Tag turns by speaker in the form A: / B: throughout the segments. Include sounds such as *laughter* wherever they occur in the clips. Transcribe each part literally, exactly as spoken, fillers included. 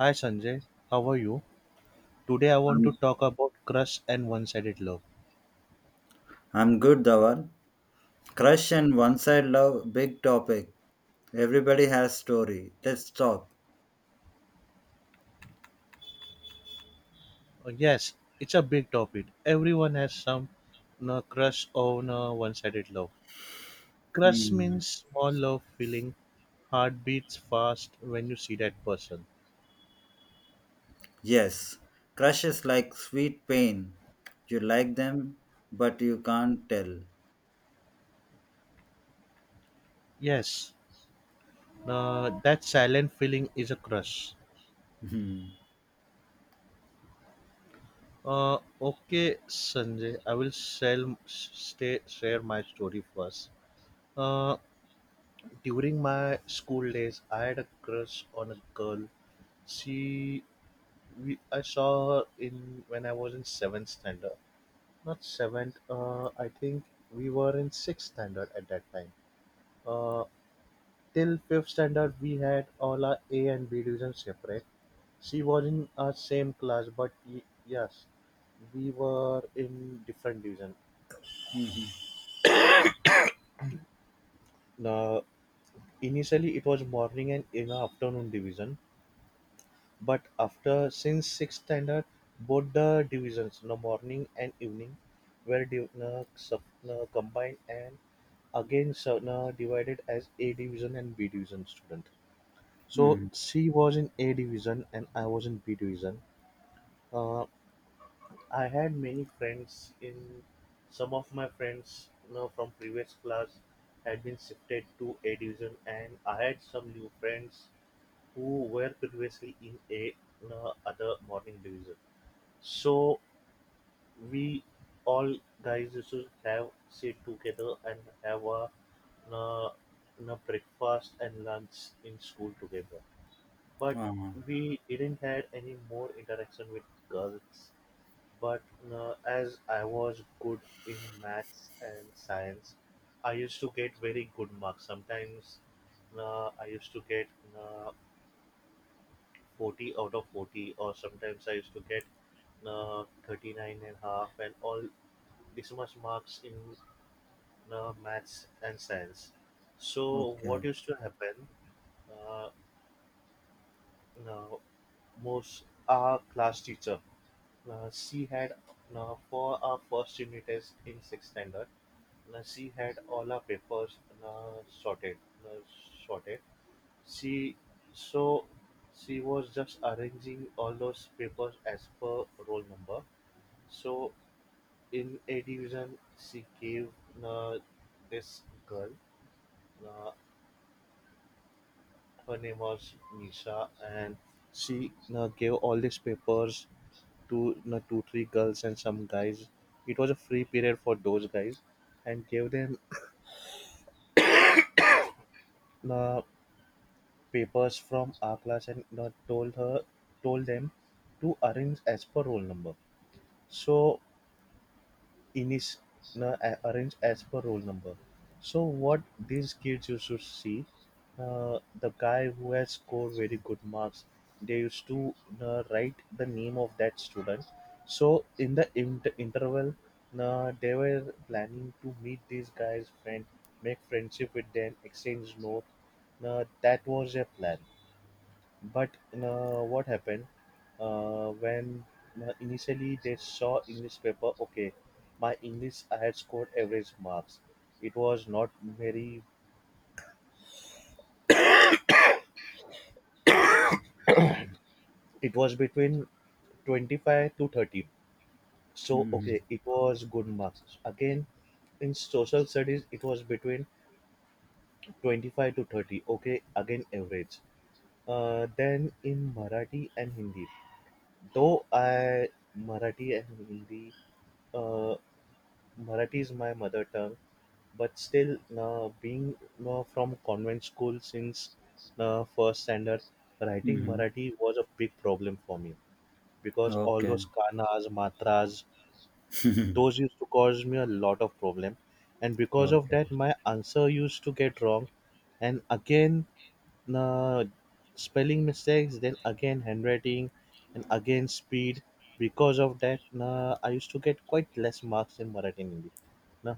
A: Hi Sanjay, how are you? Today I want to
B: I'm,
A: talk about crush and one sided love.
B: I'm good, Dhawan. Crush and one side love, big topic. Everybody has story. Let's talk.
A: Uh, yes, it's a big topic. Everyone has some uh, crush on uh, one sided love. Crush
B: Hmm.
A: means small love feeling, heart beats fast when you see that person.
B: Yes, crush is like sweet pain. You like them, but you can't tell.
A: Yes, uh, that silent feeling is a crush.
B: Hmm.
A: Uh, okay, Sanjay, I will sell, stay, share my story first. Uh, During my school days, I had a crush on a girl. She, we, I saw her in when I was in seventh standard. Not seventh. Uh, I think we were in sixth standard at that time. Uh, Till fifth standard, we had all our A and B divisions separate. She was in our same class, but y- yes, we were in different division.
B: Hmm.
A: Now, initially, it was morning and in the afternoon division. But after Since sixth standard, both the divisions, the morning and evening, were div- na, sub- na, combined and again sub- na, divided as A division and B division student. So
B: Hmm.
A: she was in A division and I was in B division. Uh, I had many friends in Some of my friends, you know, from previous class had been shifted to A division, and I had some new friends who were previously in a, you know, other morning division. So we all guys used to have sit together and have a, uh, na breakfast and lunch in school together. But
B: Ah,
A: we didn't had any more interaction with girls. But uh, as I was good in maths and science, I used to get very good marks. Sometimes uh, I used to get uh, forty out of forty, or sometimes I used to get uh, thirty-nine and a half and all this much marks in uh, maths and science. So what
B: okay.
A: used to happen? Uh, Now, most our class teacher, uh, she had uh, for our first unit test in sixth standard. Now she had all our papers uh, sorted, uh, sorted. She so she was just arranging all those papers as per roll number. So in A division, she gave uh, this girl uh, her name was Nisha, and she uh, gave all these papers to uh, two, three girls and some guys. It was a free period for those guys, and gave them uh, papers from our class, and uh, told her, told them to arrange as per roll number. So Innis na a- arranged as per roll number. So what these kids used to see, uh, the guy who has scored very good marks, they used to uh, write the name of that student. So in the inter- interval, uh, they were planning to meet these guys' friend, make friendship with them, exchange note. Uh, that was their plan. But uh, what happened uh, when uh, initially they saw English paper? Okay, my English I had scored average marks. It was not very. It was between twenty-five to thirty. So
B: Hmm.
A: okay, it was good marks. Again, in social studies it was between twenty-five to thirty, okay, again average. Uh, then in Marathi and Hindi, though i marathi and hindi uh, Marathi is my mother tongue, but still uh, being uh, from convent school since uh, first standard, writing
B: Hmm.
A: Marathi was a big problem for me, because all
B: Okay.
A: those kanas matras, those used to cause me a lot of problem, and because of that
B: Okay.
A: my answer used to get wrong. And again, the spelling mistakes, then again handwriting, and again speed. Because of that, na, I used to get quite less marks in Marathi and Hindi. na,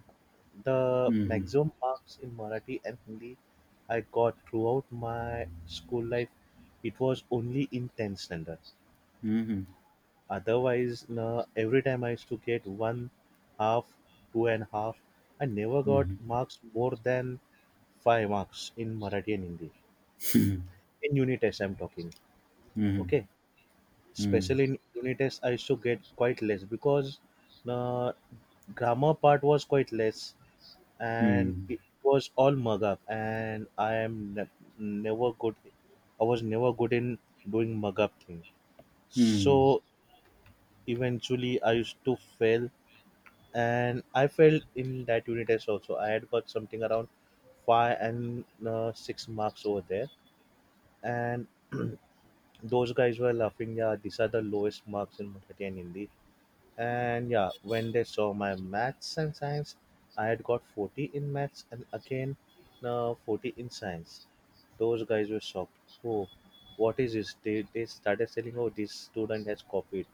A: the
B: Hmm.
A: maximum marks in Marathi and Hindi I got throughout my school life, it was only in tenth standard.
B: Hmm. Hmm.
A: Otherwise, na, every time I used to get one half, two and half. I never got marks more than five marks in Marathi and Hindi.
B: Hmm.
A: In unit test I'm talking, okay.
B: Hmm.
A: Especially in unit test I used to get quite less, because the grammar part was quite less, and
B: Hmm.
A: it was all mug up, and i am ne- never good I was never good in doing mug up thing. So
B: Hmm.
A: eventually I used to fail, and I failed in that unit test also. I had got something around five and uh, six marks over there. And those guys were laughing, "Yeah, these are the lowest marks in Marathi and Hindi." And yeah, when they saw my maths and science, I had got forty in maths, and again uh, forty in science. Those guys were shocked. Oh, what is this? They, they started saying, "Oh, this student has copied."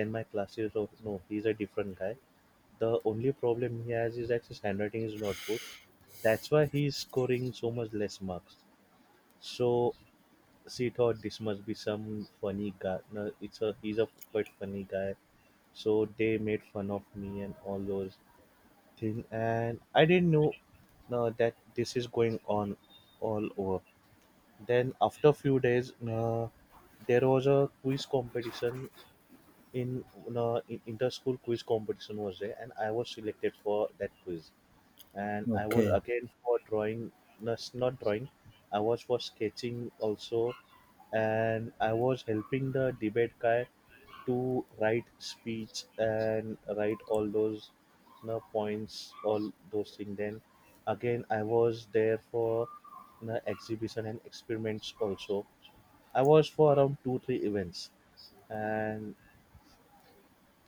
A: Then my classes, "Oh, no, he's a different guy. The only problem he has is that his handwriting is not good. That's why he's scoring so much less marks." So she thought this must be some funny guy. No, it's a he's a quite funny guy, so they made fun of me and all those things, and I didn't know uh, that this is going on all over. Then after few days, uh, there was a quiz competition in uh, in- inter-school quiz competition was there, and I was selected for that quiz, and I was
B: Okay.
A: again for drawing, nas- not drawing, I was for sketching also, and I was helping the debate guy to write speech and write all those you points, all those things. Then again, I was there for you exhibition and experiments also. I was for around two three events, and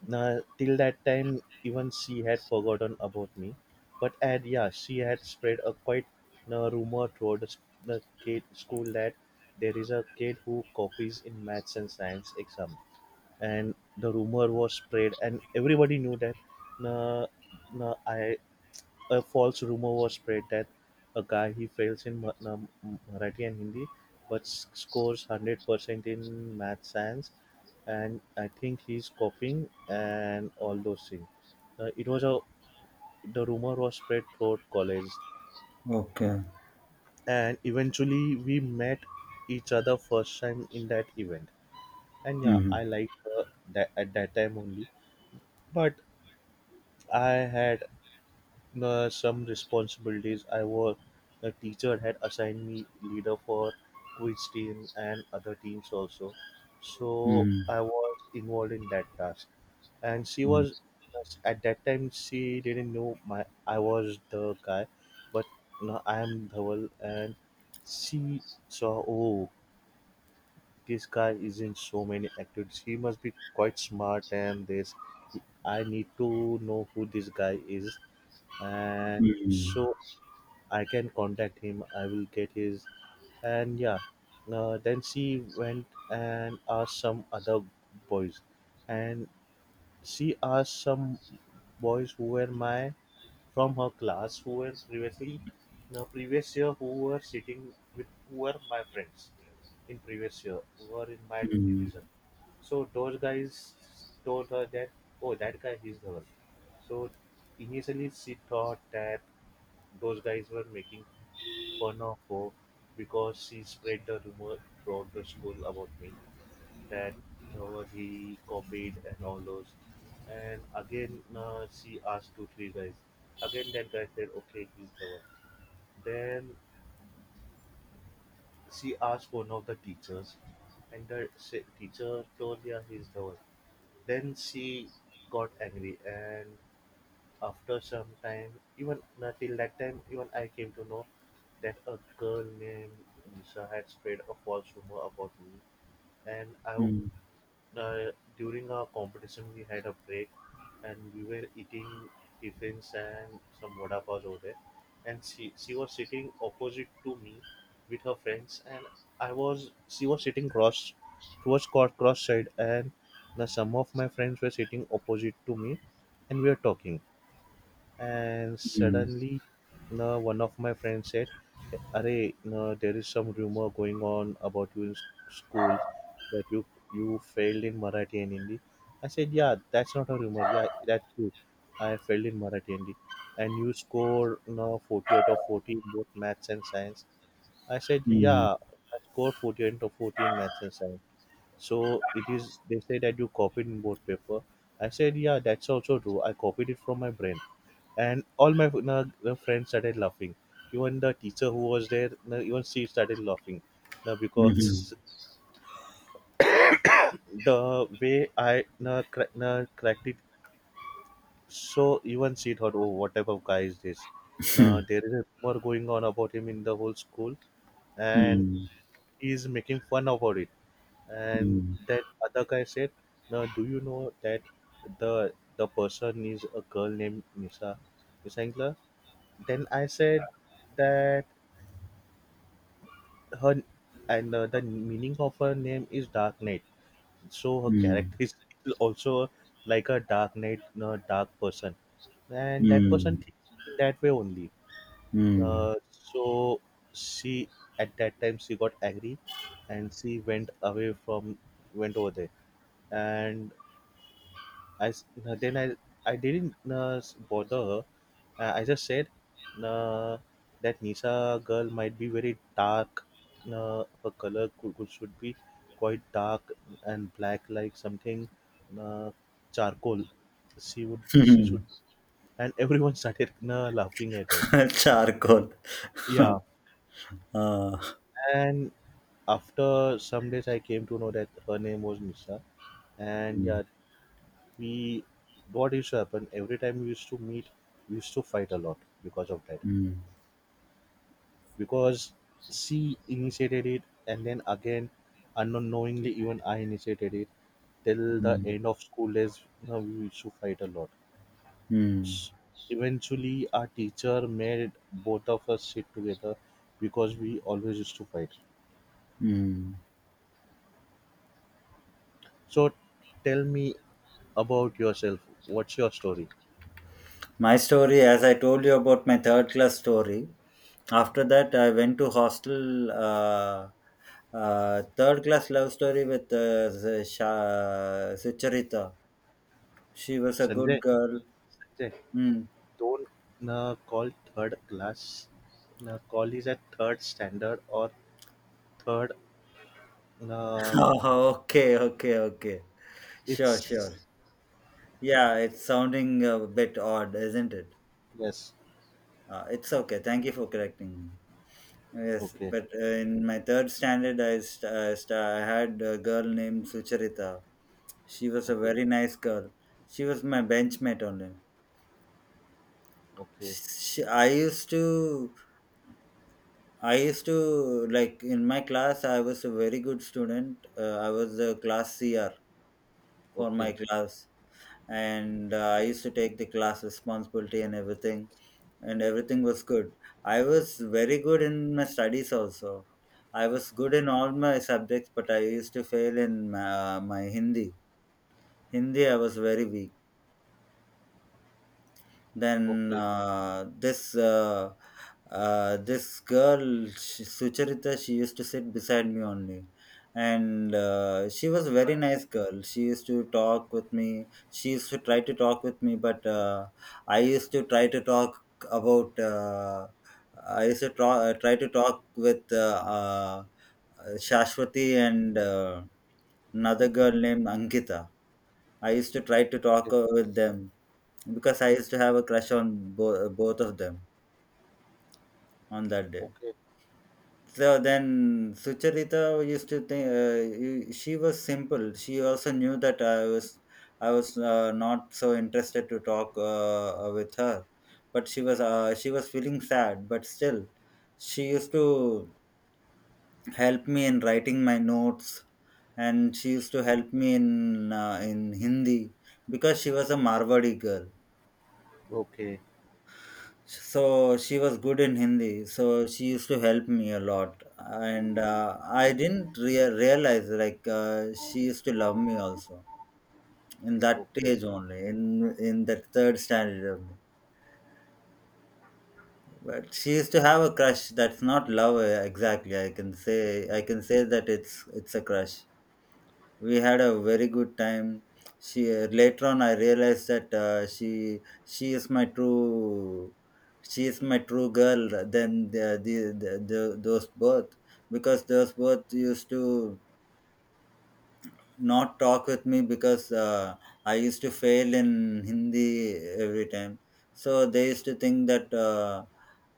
A: now, till that time, even she had forgotten about me. But And yeah, she had spread a quite uh, rumor throughout the, s- the kid school that there is a kid who copies in maths and science exam, and the rumor was spread, and everybody knew that. Uh, uh, I A false rumor was spread that a guy he fails in Ma- Na- Marathi and Hindi, but s- scores hundred percent in math science, and I think he's copying and all those things. Uh, it was a The rumor was spread throughout college,
B: Okay.
A: and eventually we met each other first time in that event. And yeah,
B: Hmm.
A: I liked her that at that time only, but I had uh, some responsibilities. I was The teacher had assigned me leader for quiz team and other teams also, so I
B: Hmm.
A: was involved in that task. And she
B: Hmm.
A: was at that time she didn't know my I was the guy, but now I am Dhaval, and she saw, "Oh, this guy is in so many activities. He must be quite smart and this. I need to know who this guy is, and so
B: *laughs*
A: I can contact him. I will get his." And yeah, uh, then she went and asked some other boys, and she asked some boys who were my from her class who were previously now previous year, who were sitting with who were my friends in previous year, who were in my
B: Mm. Mm.
A: division. So those guys told her that, "Oh, that guy, he's the one." So initially she thought that those guys were making fun of her, because she spread the rumor throughout the school about me that uh, he copied and all those. And again, uh, she asked two, three guys. Again, that guy said, "Okay, he's the one." Then she asked one of the teachers, and the se- teacher told her he's the one. Then she got angry. And after some time, even until that time, even I came to know that a girl named Lisa had spread a false rumor about me. And I, w-
B: Mm.
A: uh, during our competition, we had a break, and we were eating tiffins and some vada pav over there. And she she was sitting opposite to me with her friends, and I was she was sitting cross towards cross cross side, and now some of my friends were sitting opposite to me, and we were talking and
B: Mm.
A: suddenly, no, one of my friends said, "Arey, no, there is some rumor going on about you in s- school, that you you failed in Marathi and Hindi." I said, yeah, that's not a rumor, yeah, that's true, I failed in Marathi and Hindi. "And you scored, no, forty out of forty in both maths and science." I said,
B: Mm.
A: yeah, I scored forty out of forty in maths and science. "So, it is, they say that you copied in both paper." I said, yeah, that's also true, I copied it from my brain. And all my na, na friends started laughing. Even the teacher who was there, na, even she started laughing, na,
B: Mhm.
A: because *laughs* the way I na, cra- na, cracked it, so even she thought, oh, what type of guy is this? Na, there
B: *laughs*
A: is a rumor going on about him in the whole school, and
B: Mhm.
A: he is making fun about it. And
B: Mm.
A: that other guy said, now, do you know that the the person is a girl named Nisa Nisangla? Then I said that her, and, uh, the meaning of her name is dark knight, so her
B: Mm. Mm.
A: character is also like a dark knight, a dark person, and that person thinks in that way only.
B: Mm. Mm.
A: Uh, so she, at that time she got angry, and she went away from, went over there. And i s- then i i didn't, uh, bother her. uh, I just said, uh, that Nisa girl might be very dark. Uh, her color could, could should be quite dark and black, like something, uh, charcoal. She would
B: *laughs*
A: she
B: Mhm.
A: should, and everyone *laughs* started uh, laughing at her.
B: Charcoal.
A: Yeah,
B: *laughs* Ah.
A: and after some days, I came to know that her name was Nisa, and
B: Mm.
A: yeah, we, what used to happen, every time we used to meet, we used to fight a lot because of that.
B: Mm.
A: Because she initiated it, and then again, unknowingly, even I initiated it. Till the
B: Mm.
A: end of school days, you know, we used to fight a lot.
B: Mm.
A: S- Eventually, our teacher made both of us sit together because we always used to fight.
B: Mm.
A: So tell me about yourself. What's your story?
B: My story, as I told you, about my third class story. After that I went to hostel. uh, uh, Third class love story with uh, Sha- Sucharita. She was a
A: Sanjay,
B: good girl.
A: Sanjay,
B: Hmm.
A: don't uh, call third class. Uh, call is at third standard or third. uh,
B: Oh, okay, okay, okay. Sure,
A: it's,
B: sure. Yeah, it's sounding a bit odd, isn't it?
A: yes.
B: Uh, it's okay. Thank you for correcting me. Yes,
A: Okay,
B: but uh, in my third standard, I, st- I, st- I had a girl named Sucharita. She was a
A: okay,
B: very nice girl. She was my benchmate only.
A: okay,
B: She, I used to, I used to like in my class. I was a very good student. Uh, I was the class C R for my
A: okay,
B: class. And uh, I used to take the class responsibility and everything. And everything was good. I was very good in my studies also. I was good in all my subjects, but I used to fail in uh, my Hindi. Hindi, I was very weak. Then
A: okay,
B: uh, this uh, uh, this girl Sh- Sucharita, she used to sit beside me only, and uh, she was a very nice girl. She used to talk with me. She used to try to talk with me, but uh, I used to try to talk about. Uh, I used to try, try to talk with uh, uh, Shashwati and. Uh, another girl named Ankita. I used to try to talk uh, with them, because I used to have a crush on bo- both of them on that day.
A: okay, okay,
B: So then Sucharita used to think uh, you- she was simple. She also knew that I was I was uh, not so interested to talk uh, uh, with her, but she was uh, she was feeling sad. But still, she used to help me in writing my notes, and she used to help me in uh, in Hindi because she was a Marwadi girl.
A: okay,
B: So she was good in Hindi, so she used to help me a lot, and uh, I didn't rea- realize like uh, she used to love me also in that
A: okay.
B: stage only, in in that third standard only. But she used to have a crush. That's not love uh, exactly. I can say I can say that it's it's a crush. We had a very good time. She later on I realized that uh, she she is my true she is my true girl than the, the, the, the those both. Because those both used to not talk with me because uh, I used to fail in Hindi every time. So they used to think that uh,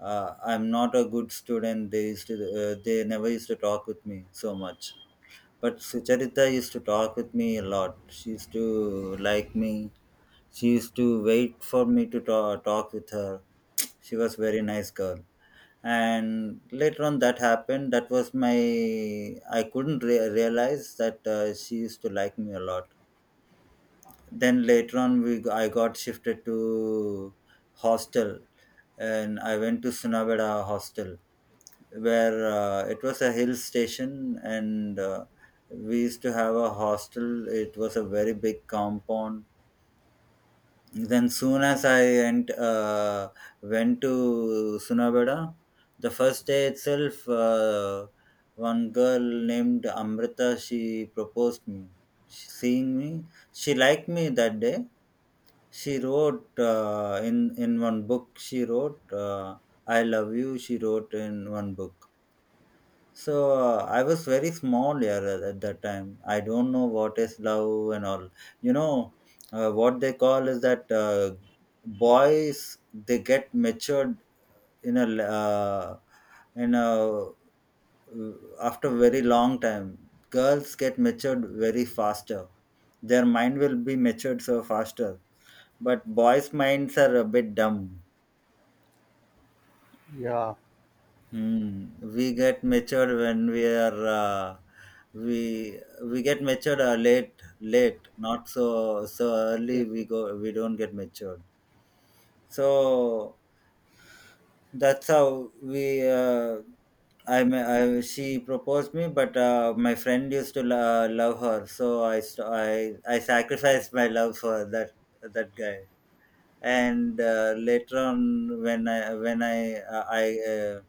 B: uh, I'm not a good student. They used to uh, they never used to talk with me so much. But Sucharita used to talk with me a lot. She used to like me. She used to wait for me to ta- talk with her. She was very nice girl. And later on, that happened. That was my. I couldn't re- realize that uh, she used to like me a lot. Then later on, we I got shifted to hostel, and I went to Sunabeda hostel, where uh, it was a hill station. And uh, we used to have a hostel. It was a very big compound. Then soon as i went, uh, went to Sunabeda, the first day itself, uh, one girl named Amrita, she proposed me. She- seeing me, she liked me that day. She wrote uh, in in one book, she wrote, uh, "I love you," she wrote in one book. So uh, I was very small here at at that time. I don't know what is love and all. You know, uh, what they call is that uh, boys they get matured in a l- uh, in a uh, after very long time. Girls get matured very faster. Their mind will be matured so faster, but boys' minds are a bit dumb.
A: Yeah,
B: Hmm. We get matured when we are uh, we we get matured uh, late late, not so so
A: yes,
B: early. We go we don't get matured. So that's how we uh, I, ma- I she proposed me, but uh, my friend used to lo- uh, love her, so I, st- I I sacrificed my love for that that guy. And uh, later on, when I when I uh, I uh,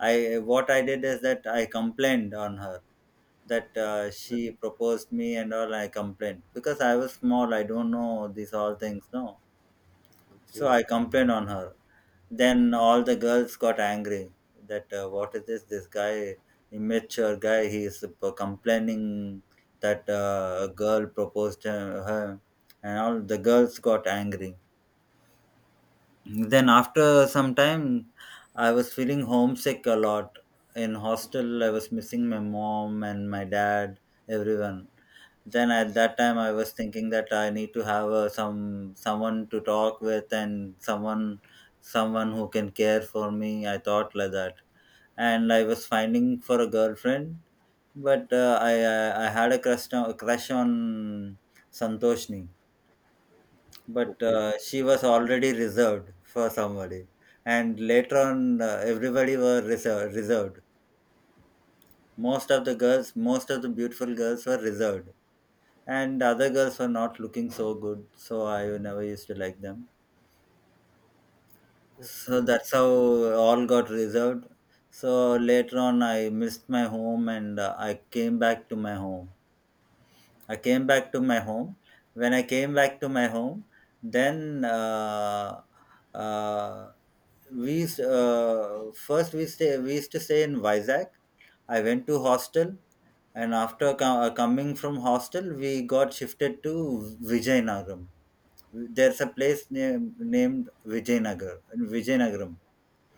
B: I what I did is that I complained on her, that uh,
A: yes,
B: she proposed me and all. I complained because I was small. I don't know these all things. No, so
A: okay,
B: I complained on her. Then all the girls got angry that uh, what is this? This guy, immature guy. He is p- complaining that uh, a girl proposed uh, her, and all the girls got angry. Then after some time, I was feeling homesick a lot. In hostel, I was missing my mom and my dad, everyone. Then at that time, I was thinking that I need to have uh, some someone to talk with, and someone someone who can care for me. I thought like that, and I was finding for a girlfriend, but uh, I, I I had a crush on, crush on Santoshni, but
A: okay, okay,
B: uh, she was already reserved for somebody. And later on, uh, everybody were reser- reserved. Most of the girls, most of the beautiful girls were reserved. And other girls were not looking so good. So I never used to like them. So
A: okay,
B: that's how all got reserved. So later on, I missed my home and uh, I came back to my home. I came back to my home. When I came back to my home, then uh, uh, we s- uh, first we stay we used to stay in Vizag. I went to hostel, and after co- uh, coming from hostel, we got shifted to Vijayanagaram. There's a place name, named Vijayanagar, Vijayanagaram.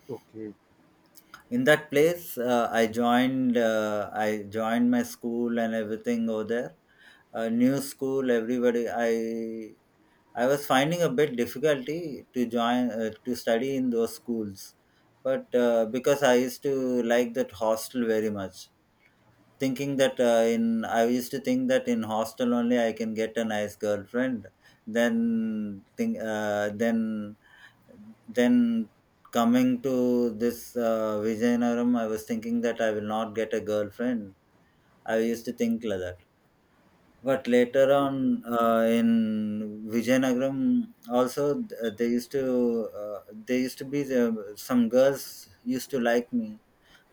A: okay,
B: In that place, uh, I joined. Uh, I joined my school and everything over there. A new school, everybody. I I was finding a bit difficulty to join, uh, to study in those schools, but uh, because I used to like that hostel very much, thinking that uh, in I used to think that in hostel only I can get a nice girlfriend, then think uh, then then coming to this uh, Vijayanaram, I was thinking that I will not get a girlfriend. I used to think like that, but later on uh, in Vijayanagaram also, th- they used to uh, they used to be the, some girls used to like me,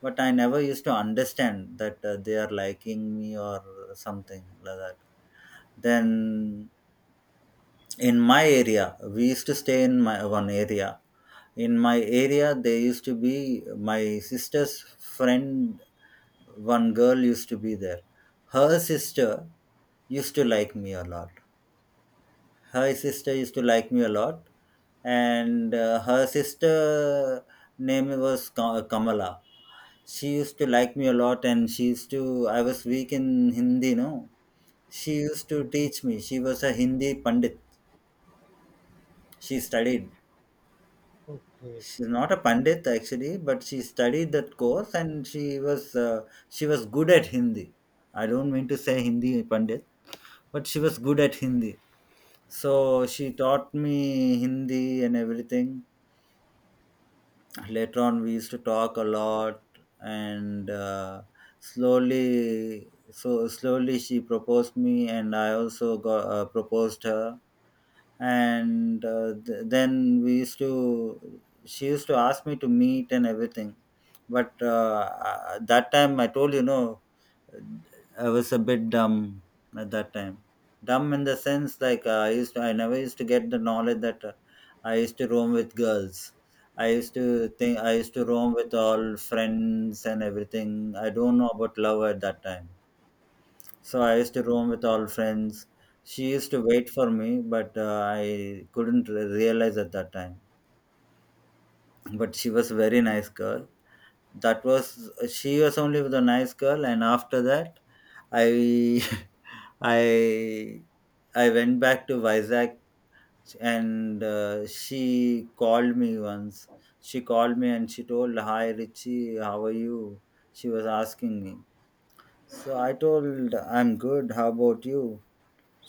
B: but I never used to understand that uh, they are liking me or something like that. Then in my area, we used to stay in my one area. In my area there used to be my sister's friend. One girl used to be there. Her sister used to like me a lot. Her sister used to like me a lot And uh, her sister name was Ka- uh, Kamala. She used to like me a lot, and she used to, I was weak in hindi no she used to
A: yes,
B: teach me. She was a Hindi pandit. She studied.
A: okay, okay,
B: She's not a pandit actually, but she studied that course, and she was uh, she was good at Hindi. I don't mean to say Hindi pandit, but she was good at Hindi. So she taught me Hindi and everything. Later on, we used to talk a lot, and uh, slowly, so slowly she proposed me, and I also got uh, proposed her. And uh, th- then we used to she used to ask me to meet and everything. But uh, uh, that time I told you, no, I was a bit dumb at that time. Dumb in the sense like, uh, I used to, I never used to get the knowledge that uh, I used to roam with girls. I used to think I used to roam with all friends and everything. I don't know about love at that time. So I used to roam with all friends. She used to wait for me, but uh, I couldn't re- realize at that time. But she was a very nice girl. That was, she was only with a nice girl, and after that, I *laughs* I I went back to Vizag, and uh, she called me once. She called me and she told, "Hi Richie, how are you?" She was asking me. So I told, "I'm good. How about you?"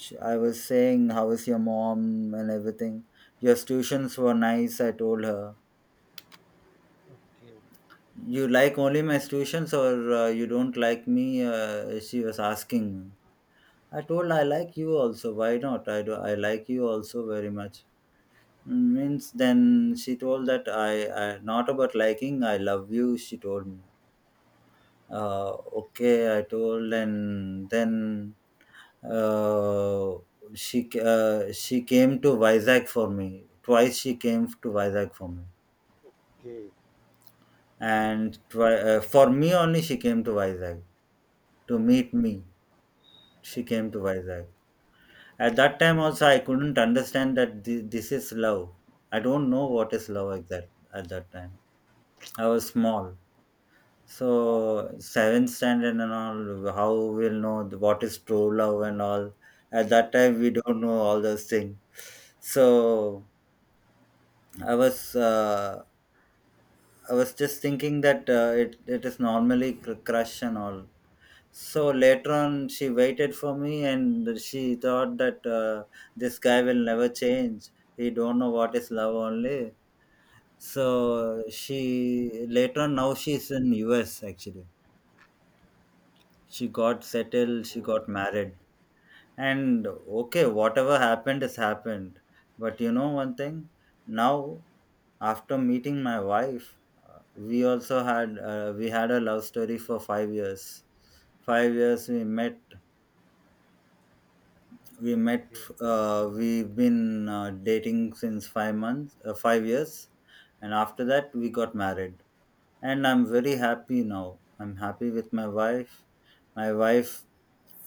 B: She, I was saying, "How is your mom and everything? Your tuitions were nice." I told her.
A: okay,
B: "You like only my tuitions, or uh, you don't like me?" Uh, she was asking me. I told, "I like you also. Why not? I do. I like you also very much." Means then she told that, I, I not about liking, "I love you," she told me. Uh, okay, I told, and then uh, she uh, she came to Vizag for me. Twice she came to Vizag for me,
A: okay,
B: and twi- uh, for me only she came to Vizag to meet me. She came to Vizag. At that time also, I couldn't understand that thi- this is love. I don't know what is love exact at that time. I was small. So seventh standard and all, how we'll know the- what is true love and all. At that time, we don't know all those things. So I was uh, I was just thinking that uh, it it is normally cr- crush and all. So later on, she waited for me, and she thought that uh, this guy will never change. He don't know what is love only. So she later on now she's in U S actually. She got
A: oh,
B: settled, she
A: oh,
B: got married. And okay, whatever happened has happened. But you know one thing. Now after meeting my wife, uh, we also had uh, we had a love story for five years. five years, we met we met.
A: okay,
B: Uh, we've been uh, dating since five months, uh, five years. And after that we got married, and I'm very happy now. I'm happy with my wife. my wife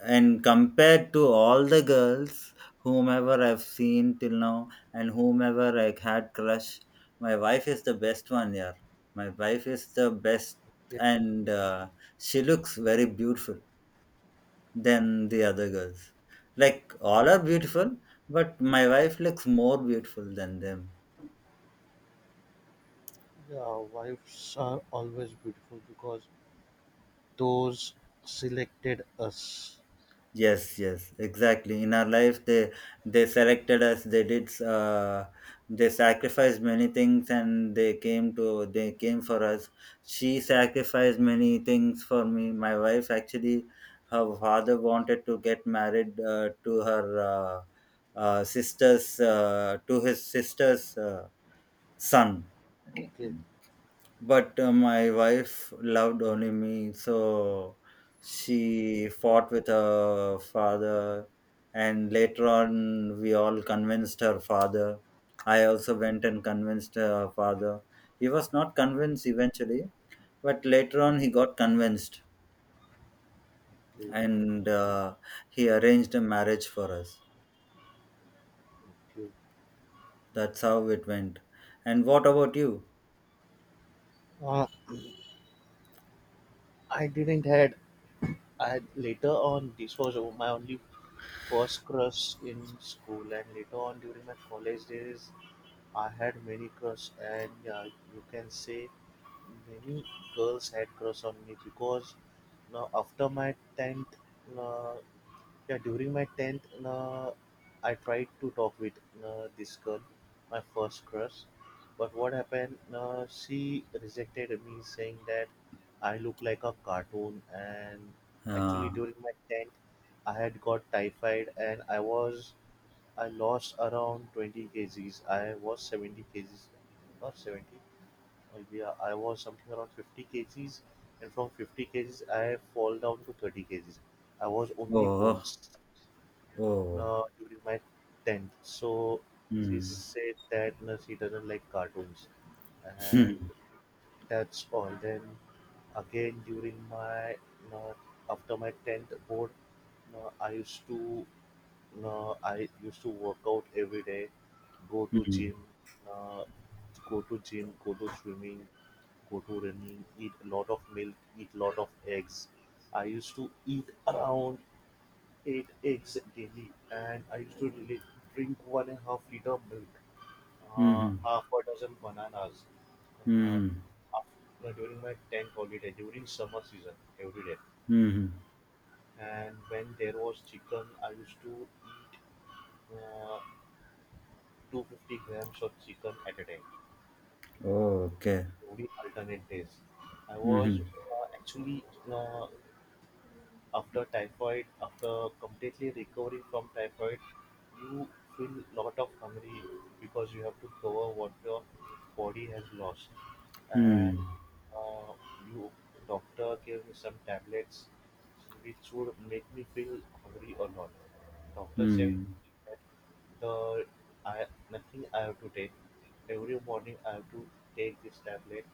B: and compared to all the girls whomever I've seen till now, and whomever I had crush, my wife is the best one, yeah. My wife is the best.
A: okay.
B: And uh, she looks very beautiful than the other girls. Like, all are beautiful, but my wife looks more beautiful than them.
A: Yeah, wives are always beautiful because those selected us.
B: Yes, yes, exactly. In our life, they they selected us. They did. Uh, they sacrificed many things, and they came to. They came for us. She sacrificed many things for me. My wife actually, her father wanted to get married uh, to her uh, uh, sister's uh, to his sister's uh, son. Okay.
A: Okay,
B: But uh, my wife loved only me, so she fought with her father, and later on, we all convinced her father. I also went and convinced her father. He was not convinced eventually, but later on, he got convinced,
A: okay,
B: and uh, he arranged a marriage for us.
A: okay.
B: That's how it went. And what about you?
A: Uh, I didn't had. I, later on, this was my only first crush in school, and later on during my college days, I had many crush, and yeah, you can say many girls had crush on me, because now after my tenth, uh, yeah, during my tenth, uh, I tried to talk with, uh, this girl, my first crush. But what happened? Uh, she rejected me, saying that I look like a cartoon. And actually,
B: Uh,
A: during my tenth, I had got typhoid, and I was, I lost around twenty kgs. I was seventy kgs, not seventy, uh, yeah, I was something around fifty kgs. And from fifty kgs, I fall down to thirty kgs. I was only
B: oh,
A: bones
B: oh,
A: uh, during my tenth. So she
B: mm. *laughs*
A: said that, no, she doesn't like cartoons, and
B: Hmm.
A: that's all. Then again, during my no, after my tenth board, no, I used to no, I used to work out every day, go to gym, no, go to gym, go to swimming, go to running, eat a lot of milk, eat a lot of eggs. I used to eat around eight eggs daily, and I used to really drink one and a half liter milk,
B: Hmm.
A: uh,
B: Hmm.
A: half a dozen bananas, uh,
B: Mhm.
A: after, during my tenth holiday, during summer season, every day.
B: Mhm.
A: And when there was chicken, I used to eat, uh, two hundred fifty grams of chicken at a time,
B: Okay.
A: every alternate days. I was,
B: Mhm.
A: uh, actually, uh, after typhoid, after completely recovering from typhoid, you feel lot of hungry because you have to cover what your body has lost.
B: Hmm.
A: And, uh, you, doctor gave me some tablets which would make me feel hungry a lot. Doctor said,
B: Hmm.
A: the, I, nothing I have to take. Every morning I have to take this tablet.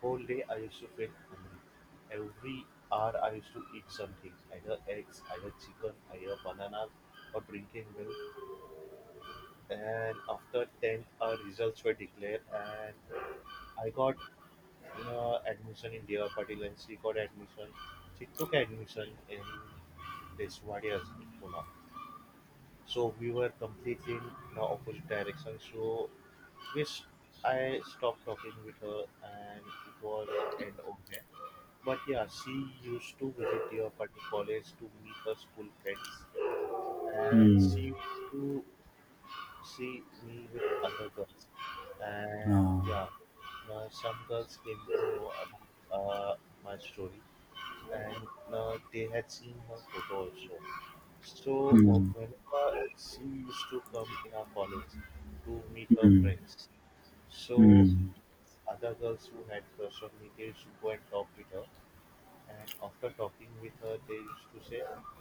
A: Whole day I used to feel hungry. Every hour I used to eat something, either eggs, either chicken, either bananas, or drinking milk. And after tenth, our results were declared, and I got, uh, admission in Deva Patil, and she got admission. She took admission in this Deswadias in Pune. So we were completely in the opposite direction. So, which, I stopped talking with her, and it was end of there. But yeah, she used to visit here for the college to meet her school friends, and
B: Hmm.
A: she used to see me with other girls. And yeah,
B: Ah.
A: now some girls came to know about, uh, my story, and, uh, they had seen her photo also. So,
B: Hmm.
A: wh- whenever she used to come in our college to meet her
B: Hmm.
A: friends, so
B: Hmm.
A: other girls who had crush on me, they used to go and talk with her, and after talking with her, they used to say,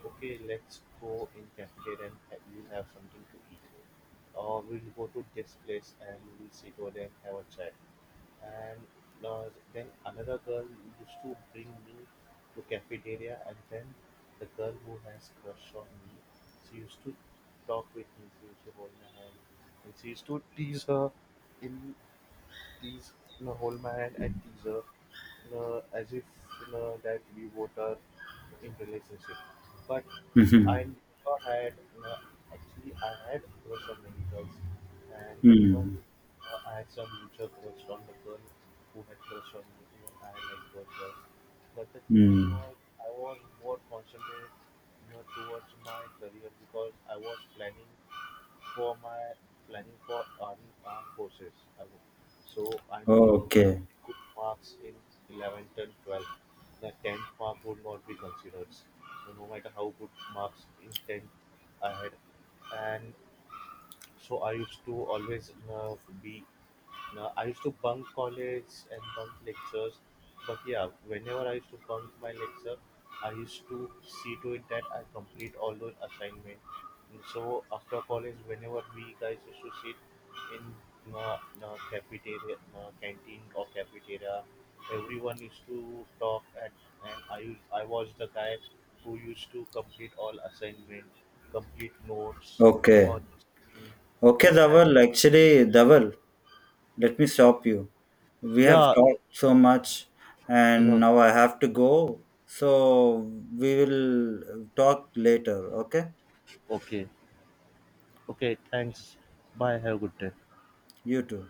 A: "Okay, let's go in cafeteria and ha- we'll have something to eat, or we'll go to this place and we'll sit over there and have a chat." And, uh, then another girl used to bring me to cafeteria, and then the girl who has crush on me, she used to talk with me. She used to hold my hand, and she used to tease her in tease, you hold my hand and tease her, uh, as if, uh, that we both are in relationship. But I
B: Mhm.
A: never had, uh, actually I had crush on many girls, and even,
B: Hmm.
A: uh, I had some mutual crush on the girl who had crush on me. Even I like those girls. But the thing
B: Hmm.
A: was, I was more concentrated, you know, towards my career, because I was planning for my planning for army armed forces. I wo- So I need, you know
B: Okay.
A: good marks in eleventh and twelfth. The tenth mark would not be considered. So no matter how good marks in tenth I had, and so I used to always, uh, be, uh, I used to bunk college and bunk lectures. But yeah, whenever I used to bunk my lecture, I used to see to it that I complete all those assignments. And so after college, whenever we guys used to sit in, uh, uh, cafeteria, uh, canteen or cafeteria, everyone used to talk at, and I, I was the guy who used to complete all assignment, complete notes,
B: Okay.
A: all those things,
B: Okay,
A: hands up.
B: Dhaval. Actually, Dhaval, let me stop you. We have
A: Yeah,
B: talked so much,
A: yeah.
B: and now I have to go. So we will talk later. Okay?
A: Okay. Okay, thanks. Bye. Have a good day.
B: You too.